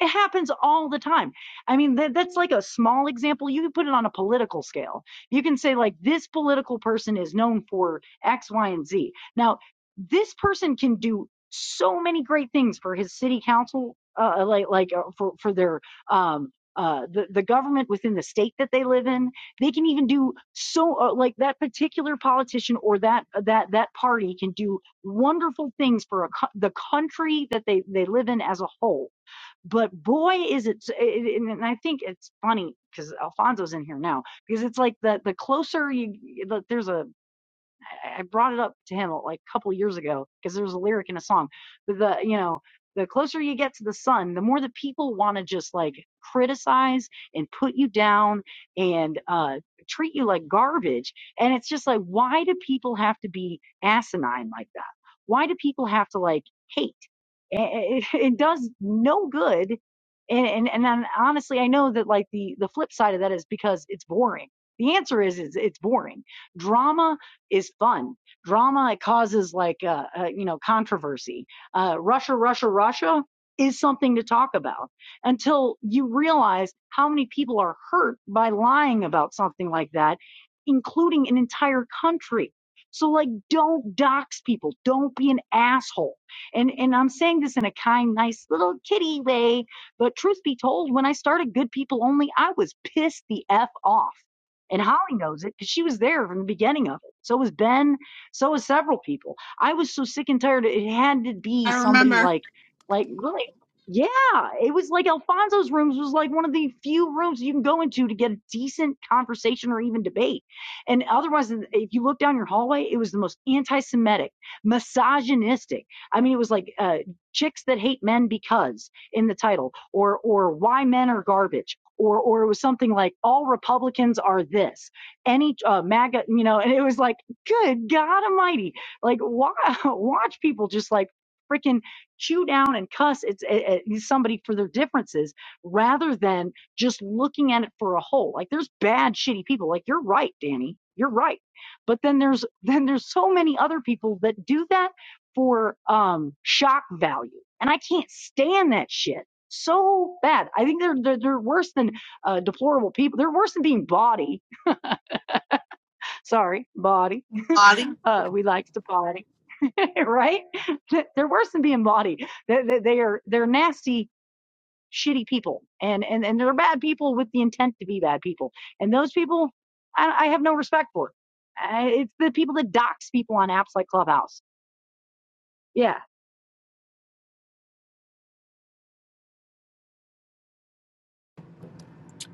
Speaker 1: it happens all the time. I mean, that, that's like a small example. You can put it on a political scale. You can say, like, this political person is known for X, Y, and Z. Now, this person can do so many great things for his city council, uh, like, like uh, for, for their, um, uh, the, the government within the state that they live in. They can even do so, uh, like that particular politician or that, uh, that, that party can do wonderful things for a, co- the country that they, they live in as a whole but boy is it and i think it's funny because alfonso's in here now because it's like the the closer you there's a, I brought it up to him like a couple years ago because there's a lyric in a song but the you know the closer you get to the sun the more the people want to just like criticize and put you down and uh treat you like garbage and it's just like why do people have to be asinine like that why do people have to like hate it, it it does no good and and, and i honestly i know that like the the flip side of that is because it's boring the answer is, is it's boring drama is fun drama it causes like uh, uh you know controversy uh russia russia russia is something to talk about until you realize how many people are hurt by lying about something like that including an entire country so like don't dox people don't be an asshole and and I'm saying this in a kind, nice little kitty way, but truth be told, when I started Good People Only, I was pissed the F off. And Holly knows it because she was there from the beginning of it. So was Ben. So was several people. I was so sick and tired. It had to be
Speaker 2: I
Speaker 1: somebody
Speaker 2: remember.
Speaker 1: like, like really, yeah. It was like Alfonso's rooms was like one of the few rooms you can go into to get a decent conversation or even debate. And otherwise, if you look down your hallway, it was the most anti-Semitic, misogynistic I mean, it was like uh, "Chicks That Hate Men Because" in the title, or or "Why Men Are Garbage," or or it was something like "All Republicans Are This." Any uh, MAGA, you know, and it was like, good God Almighty, like wa- watch people just like freaking chew down and cuss it's it, it, somebody for their differences rather than just looking at it for a whole like there's bad shitty people like you're right danny you're right but then there's then there's so many other people that do that for um shock value and i can't stand that shit so bad i think they're they're, they're worse than uh deplorable people they're worse than being bawdy sorry bawdy
Speaker 2: Lottie?
Speaker 1: uh we likes to party right they're worse than being bawdy they, they, they are they're nasty shitty people and and and they're bad people with the intent to be bad people and those people i, I have no respect for I, it's the people that dox people on apps like clubhouse yeah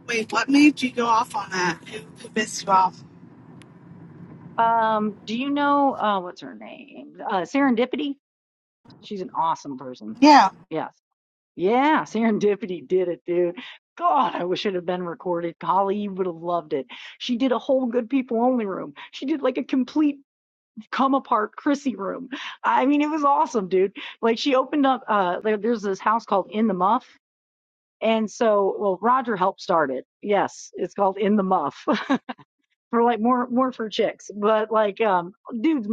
Speaker 2: Wait, what made you go off on that? Who, who pissed you off?
Speaker 1: Um, do you know uh what's her name? Uh Serendipity? She's an awesome person.
Speaker 2: Yeah.
Speaker 1: Yes. Yeah, Serendipity did it, dude. God, I wish it had been recorded. Holly, you would have loved it. She did a whole good people only room. She did like a complete come apart Chrissy room. I mean, it was awesome, dude. Like she opened up uh there, there's this house called In the Muff. And so, well, Roger helped start it. Yes, it's called In the Muff. for like more more for chicks but like um dudes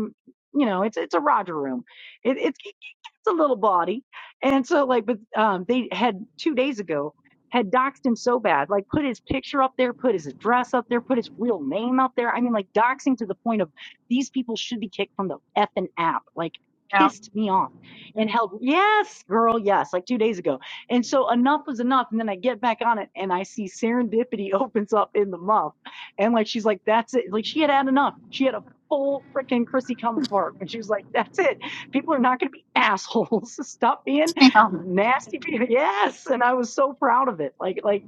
Speaker 1: you know it's it's a roger room it, it's it's a little bawdy and so like but um they had two days ago had doxed him so bad like put his picture up there put his address up there put his real name up there i mean like doxing to the point of these people should be kicked from the effing app like
Speaker 2: Yeah.
Speaker 1: pissed me off and held yes girl yes like two days ago and so enough was enough and then i get back on it and i see serendipity opens up in the month and like she's like, that's it. Like she had had enough. She had a full freaking Chrissy come part, And she was like, that's it. People are not going to be assholes. Stop being
Speaker 2: Um,
Speaker 1: nasty. People. Yes. And I was so proud of it. Like, like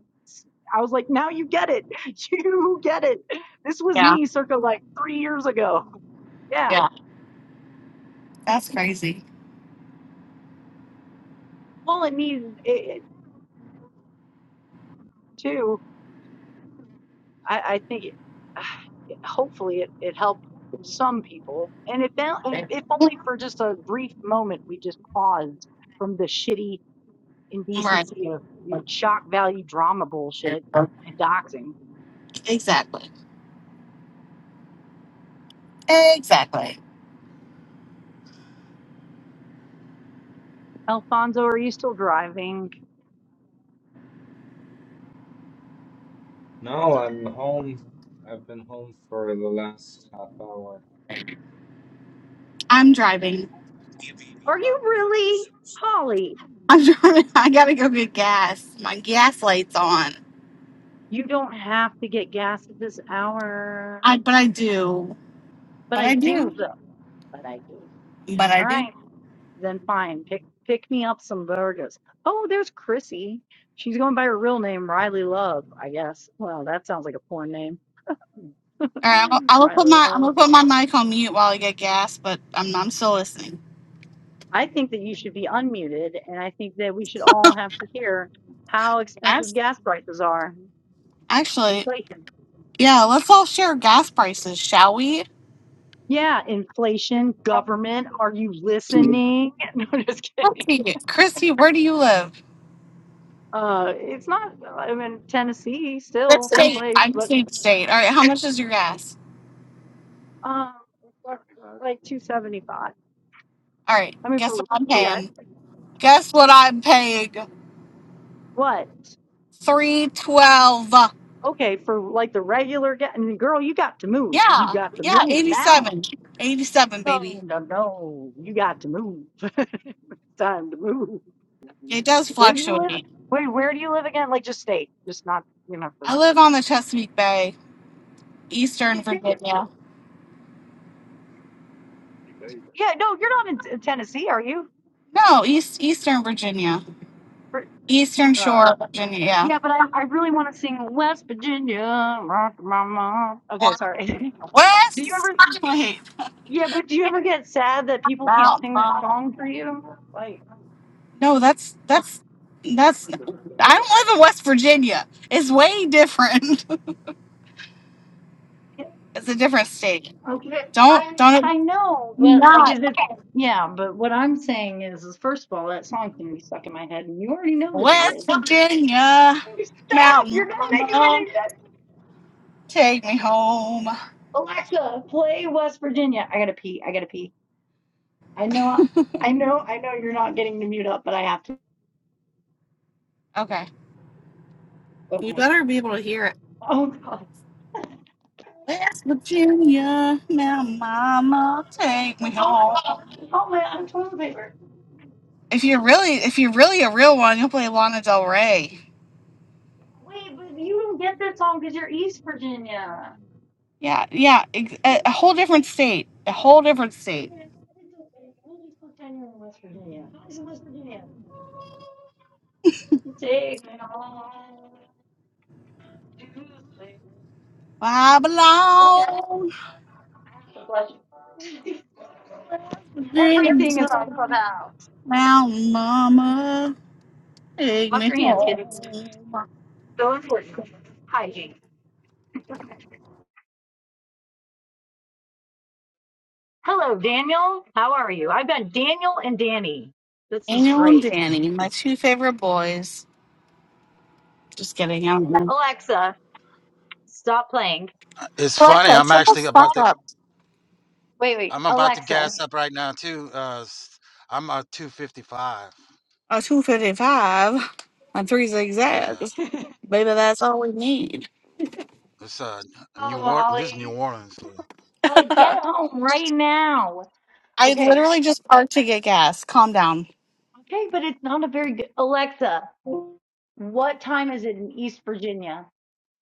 Speaker 1: I was like, now you get it. You get it. This was
Speaker 2: yeah.
Speaker 1: me circa like three years ago. Yeah.
Speaker 2: Yeah. That's crazy.
Speaker 1: Well, it needed it, it too. I, I think it, hopefully it, it helped some people. And if, that, if if only for just a brief moment, we just paused from the shitty
Speaker 2: Right.
Speaker 1: indecency of shock value drama bullshit and doxing.
Speaker 2: Exactly. Exactly.
Speaker 1: Alfonso, are you still driving?
Speaker 7: No, I'm home. I've been home for the last half hour.
Speaker 2: I'm driving.
Speaker 1: Are you really? Holly,
Speaker 2: I'm driving. I gotta go get gas. My gas light's on.
Speaker 1: you don't have to get gas at this hour.
Speaker 2: I but I do.
Speaker 1: But
Speaker 2: But
Speaker 1: I
Speaker 2: I
Speaker 1: do
Speaker 2: do.
Speaker 1: though. But I do.
Speaker 2: But I
Speaker 1: All
Speaker 2: do.
Speaker 1: right, then fine. Pick pick me up some burgers. Oh, there's Chrissy. She's going by her real name, Riley Love, I guess. Well, that sounds like a porn name.
Speaker 2: All right. I'm, gonna- am put
Speaker 1: Riley
Speaker 2: my I'm
Speaker 1: Love.
Speaker 2: gonna put my mic on mute while I get gas. But I'm I'm still listening.
Speaker 1: I think that you should be unmuted, and I think that we should all have to hear how expensive
Speaker 2: Gas.
Speaker 1: gas prices are.
Speaker 2: Actually,
Speaker 1: Inflation.
Speaker 2: yeah. Let's all share gas prices, shall we?
Speaker 1: Yeah, inflation, government. Are you listening? No, just kidding.
Speaker 2: Chrissy, Chrissy, where do you live?
Speaker 1: Uh, it's not. I'm in Tennessee,
Speaker 2: What
Speaker 1: still same
Speaker 2: state?
Speaker 1: place,
Speaker 2: I'm
Speaker 1: but
Speaker 2: saying state. All
Speaker 1: it's
Speaker 2: right, how much is your gas?
Speaker 1: um, like two seventy five.
Speaker 2: All right,
Speaker 1: I mean,
Speaker 2: guess
Speaker 1: for
Speaker 2: what I'm
Speaker 1: yeah,
Speaker 2: paying? Guess what I'm paying?
Speaker 1: what?
Speaker 2: Three twelve.
Speaker 1: Okay, for like the regular gas. I girl, you got to move. You
Speaker 2: Yeah,
Speaker 1: got to
Speaker 2: yeah,
Speaker 1: move
Speaker 2: Eighty
Speaker 1: now.
Speaker 2: seven. Eighty seven,
Speaker 1: No,
Speaker 2: baby.
Speaker 1: no, no. You got to move. time to move.
Speaker 2: It does
Speaker 1: Where do you live?
Speaker 2: fluctuate.
Speaker 1: Wait, where do you live again? Like, just state, just not, you know,
Speaker 2: I
Speaker 1: the.
Speaker 2: live on the Chesapeake Bay, Eastern
Speaker 1: You- you- you-
Speaker 2: Virginia.
Speaker 1: Yeah, no, you're not in in Tennessee, are you?
Speaker 2: No, East Eastern Virginia,
Speaker 1: For-
Speaker 2: Eastern
Speaker 1: Uh,
Speaker 2: Shore, Virginia.
Speaker 1: yeah, but I, I really want to sing West Virginia, rock my mom. Okay,
Speaker 2: Yeah,
Speaker 1: sorry. do you
Speaker 2: West.
Speaker 1: ever,
Speaker 2: Wait,
Speaker 1: yeah, but do you ever get sad that people can't
Speaker 2: Mount.
Speaker 1: sing that
Speaker 2: Vernon.
Speaker 1: song for you? Like,
Speaker 2: No, that's that's that's. I don't live in West Virginia. It's way different. it's a different state.
Speaker 1: okay,
Speaker 2: Don't
Speaker 1: I,
Speaker 2: don't
Speaker 1: I know, but like,
Speaker 2: not
Speaker 1: is it, yeah, but what I'm saying is, is first of all, that song can be stuck in my head, and you already know that it
Speaker 2: West
Speaker 1: is.
Speaker 2: Virginia
Speaker 1: Stop!
Speaker 2: mountain
Speaker 1: You're not making
Speaker 2: mama.
Speaker 1: any sense.
Speaker 2: Take me home.
Speaker 1: Alexa, play West Virginia. I gotta pee. I gotta pee. I know. I know. I know you're not getting to mute up, but I have to.
Speaker 2: Okay,
Speaker 1: Okay.
Speaker 2: you better be able to hear it.
Speaker 1: Oh God.
Speaker 2: West Virginia mountain mama. Take me home.
Speaker 1: Oh man, I'm toilet paper.
Speaker 2: If you're really if you're really a real one, you'll play Lana Del Rey.
Speaker 1: Wait, but you don't get that song because you're East Virginia.
Speaker 2: Yeah, yeah, ex- a,
Speaker 1: We'll
Speaker 2: a whole different state. A whole different state.
Speaker 1: just pretend you're in West Virginia. How is it West Virginia? Take me on.
Speaker 2: I
Speaker 1: All right.
Speaker 2: belong
Speaker 1: I have to flush.
Speaker 2: to
Speaker 1: Everything
Speaker 2: Jesus.
Speaker 1: is on Clubhouse.
Speaker 2: Mountain Mama, take
Speaker 1: Wash
Speaker 2: me
Speaker 1: your hands,
Speaker 2: home.
Speaker 1: kidding. So important. Hygiene. Hello, Daniel. How are you? I've got Daniel and Danny. This is
Speaker 2: Daniel and
Speaker 1: great.
Speaker 2: Danny, my two favorite boys. Just kidding. I don't know.
Speaker 1: Stop playing.
Speaker 8: it's funny.
Speaker 2: Alexa,
Speaker 8: I'm
Speaker 2: shut the
Speaker 8: actually
Speaker 2: fuck
Speaker 8: about to.
Speaker 2: up.
Speaker 1: Wait, wait.
Speaker 8: I'm about to gas up right now too. Uh, s- I'm uh 255.
Speaker 2: A 255 on three
Speaker 8: Yeah,
Speaker 2: zigzags. Baby, that's all we need.
Speaker 8: it's uh New
Speaker 1: Oh,
Speaker 8: Orleans. This is New
Speaker 1: Holly.
Speaker 8: Orleans.
Speaker 1: Holly, get
Speaker 2: I
Speaker 1: home right now. Okay.
Speaker 2: literally just parked to get gas. Calm down.
Speaker 1: Okay, but it's not a very good Alexa. What time is it in East Virginia?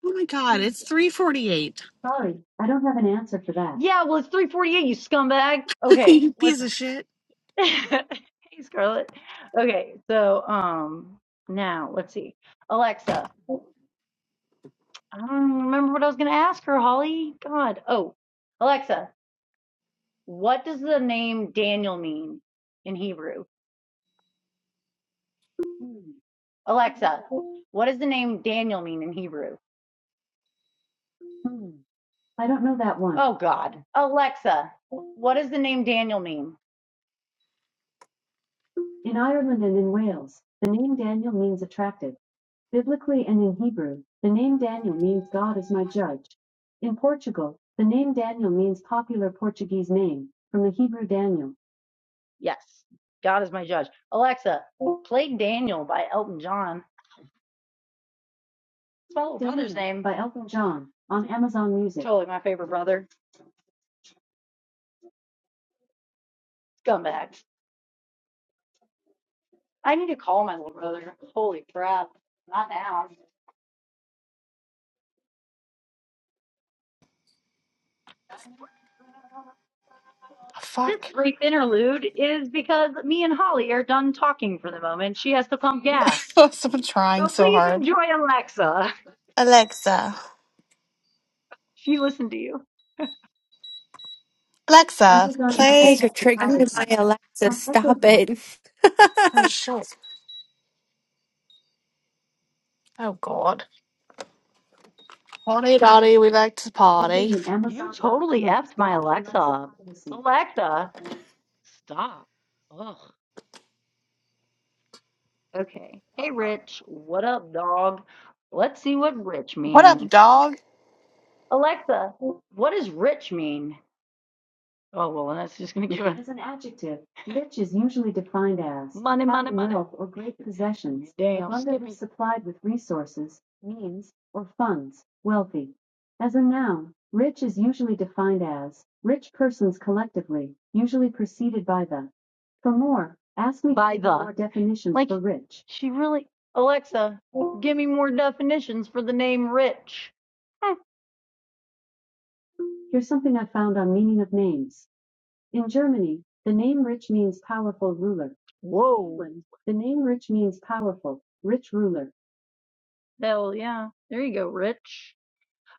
Speaker 2: Oh my god, it's 348.
Speaker 1: Yeah, well, it's 348, you scumbag. Okay,
Speaker 2: you
Speaker 1: listen.
Speaker 2: piece of shit.
Speaker 1: hey, Scarlett. Okay, so um, now let's see. Alexa, I don't remember what I was going to ask her, Holly. God. Oh, Alexa, what does the name Daniel mean in Hebrew? Alexa, what does the name Daniel mean in Hebrew? I don't want. Oh God. Alexa, what does the name Daniel mean? in in Ireland and in Wales? The name Daniel means attractive. Biblically and in Hebrew, the name Daniel means God is my judge. In Portugal, the name Daniel means popular Portuguese name, from the Hebrew Daniel. Yes, God is my judge. Alexa, play Daniel by Elton John. It's my little brother's Daniel name. by Elton John on Amazon Music. Totally my favorite brother. Scumbag. I need to call my little brother. Holy crap. Not now. This
Speaker 2: Fuck.
Speaker 1: brief interlude is because me and Holly are done talking for the moment. She has to pump
Speaker 2: I
Speaker 1: gas.
Speaker 2: was trying
Speaker 1: So
Speaker 2: so
Speaker 1: please
Speaker 2: hard.
Speaker 1: enjoy Alexa.
Speaker 2: Alexa.
Speaker 1: She listened to you. I'm
Speaker 2: Alexa,
Speaker 1: just going
Speaker 9: You
Speaker 1: to
Speaker 2: play.
Speaker 9: guys are
Speaker 1: protect the
Speaker 9: triggering
Speaker 1: privacy.
Speaker 9: my Alexa.
Speaker 1: On echoes
Speaker 9: Stop
Speaker 1: of
Speaker 9: it.
Speaker 2: Oh shit! Oh god! Party, party, we like to party.
Speaker 1: Electricity and Amazon. You totally effed my Alexa. up. Alexa, stop. Ugh. Okay. Hey, Rich. What up, dog? Let's see what rich
Speaker 2: What up,
Speaker 1: means.
Speaker 2: dog?
Speaker 1: Alexa, what does rich mean? Oh, well, then that's just going to give it As an adjective, rich is usually defined as money, money, having money. wealth or great possessions, Damn, abundantly Skippy. supplied with resources, means, or funds, wealthy. As a noun, rich is usually defined as rich persons collectively, usually preceded by the. For more, ask me By the. more definitions Like, for rich. she really. Alexa, give me more definitions for the name Rich. Eh, Here's something I found on meaning of names. In Germany, the name Rich means powerful ruler. Whoa. the name Rich means powerful, rich ruler. Hell yeah. There you go, Rich.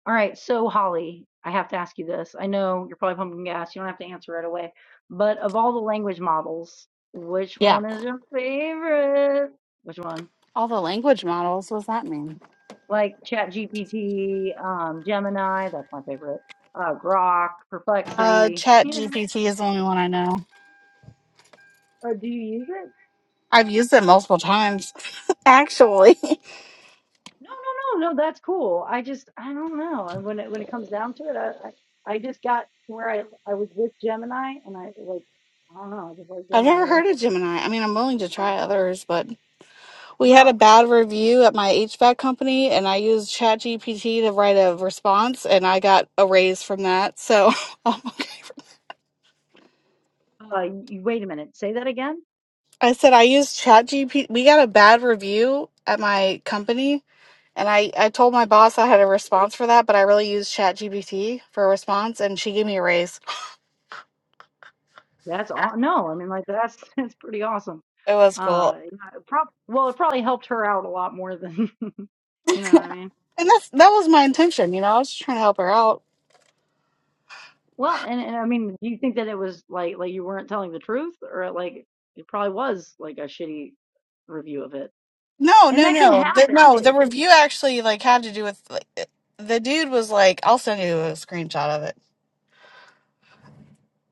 Speaker 1: All right, so Holly, I have to ask you this. I know you're probably pumping gas. You don't have to answer right away. But of all the language models, which
Speaker 2: Yeah.
Speaker 1: one is your favorite? Which one?
Speaker 2: All the language models. What does that mean?
Speaker 1: Like ChatGPT, um, Gemini, that's my favorite. Uh, Grok,
Speaker 2: Uh,
Speaker 1: Perplexity,
Speaker 2: Chat
Speaker 1: you know.
Speaker 2: GPT is the only one I know.
Speaker 1: Or do you use it?
Speaker 2: I've used it multiple times, actually.
Speaker 1: No, no, no, no. That's cool. I just, I don't know. And when it when it comes down to it, I, I, I just got to where I I was with Gemini, and I like, I don't know. I just like
Speaker 2: I've
Speaker 1: Gemini
Speaker 2: never
Speaker 1: better.
Speaker 2: heard of Gemini. I mean, I'm willing to
Speaker 1: Oh.
Speaker 2: try others, but we had a
Speaker 1: Well,
Speaker 2: bad review at my HVAC company, and I used Chat GPT to write a response, and I got a raise from that. So, oh my god.
Speaker 1: uh, you, wait a minute. Say that again.
Speaker 2: I said I use ChatGPT. We got a bad review at my company, and I I told my boss I had a response for that, but I really used ChatGPT for a response, and she gave me a raise.
Speaker 1: That's aw No, I mean like that's that's pretty awesome.
Speaker 2: It was
Speaker 1: Uh,
Speaker 2: cool,
Speaker 1: yeah, it uh, prob well, it probably helped her out a lot more than, you know what I mean.
Speaker 2: and that's that was my intention. You know, I was just trying to help her out.
Speaker 1: Well, and, and I mean, do you think that it was like like you weren't telling the truth, or like it probably was like a shitty review of it,
Speaker 2: No,
Speaker 1: and
Speaker 2: no,
Speaker 1: that can
Speaker 2: no, the,
Speaker 1: happen.
Speaker 2: no. The review actually like had to do with like it- the dude was like, I'll send you a screenshot of it.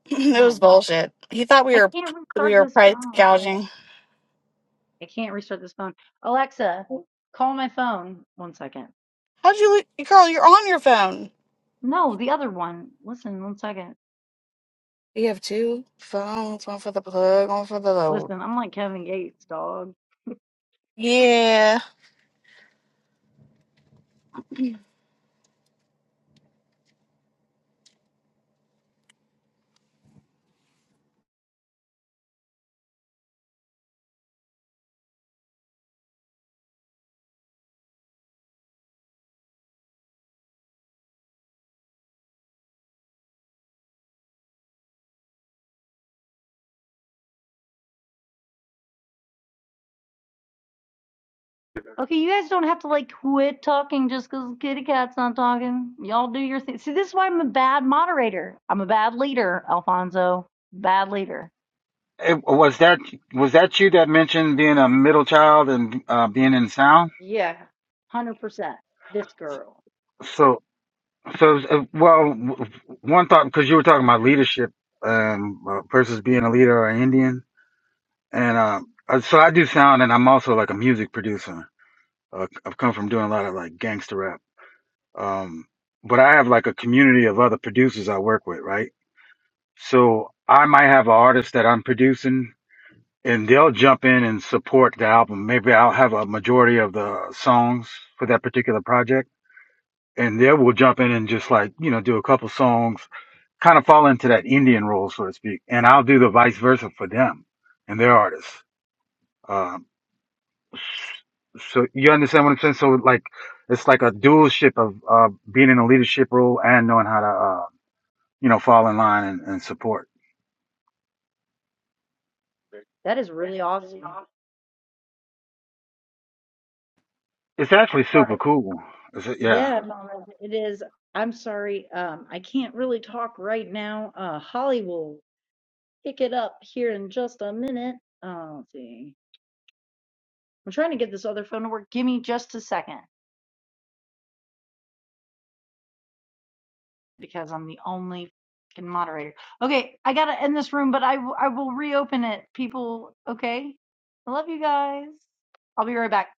Speaker 2: it was
Speaker 1: Nice.
Speaker 2: bullshit. He thought we
Speaker 1: I
Speaker 2: were
Speaker 1: can't
Speaker 2: we
Speaker 1: restart
Speaker 2: were
Speaker 1: this
Speaker 2: price
Speaker 1: phone.
Speaker 2: gouging.
Speaker 1: I can't restart this phone. Alexa, call my phone. One second.
Speaker 2: How'd you, lo- girl? You're on your phone.
Speaker 1: No, the other one. Listen, one second.
Speaker 2: You have two phones, one for the plug, one for the load.
Speaker 1: Listen, I'm like Kevin Gates, dog.
Speaker 2: Yeah.
Speaker 1: Okay, you guys don't have to like quit talking just 'cause kitty cat's not talking. Y'all do your thing. See, this is why I'm a bad moderator. I'm a bad leader, Alfonso. Bad leader.
Speaker 8: It, was that was that you that mentioned being a middle child and uh, being in sound?
Speaker 1: Yeah, 100%. This girl.
Speaker 8: So so uh, well, w- one thought because you were talking about leadership um, uh, versus being a leader or Indian, and uh, uh, so I do sound, and I'm also like a music producer. Uh, I've come from doing a lot of like gangster rap, um, but I have like a community of other producers I work with, right? So I might have an artist that I'm producing and they'll jump in and support the album. Maybe I'll have a majority of the songs for that particular project, and they will jump in and just like you know do a couple songs, kind of fall into that Indian role, so to speak. And I'll do the vice versa for them and their artists. Um, so you understand what I'm saying? So like it's like a dualship of uh, being in a leadership role and knowing how to uh, you know fall in line and, and support.
Speaker 1: That is really awesome.
Speaker 8: It's actually
Speaker 1: Sorry.
Speaker 8: super cool. Is it? Yeah.
Speaker 1: Yeah, Mama, it is. I'm sorry. Um, I can't really talk right now. Uh, Holly will pick it up here in just a minute. Uh, let's see. I'm trying to get this other phone to work. Give me just a second because I'm the only fucking moderator. Okay, I gotta end this room, but I w- I will reopen it, people. Okay? I love you guys. I'll be right back.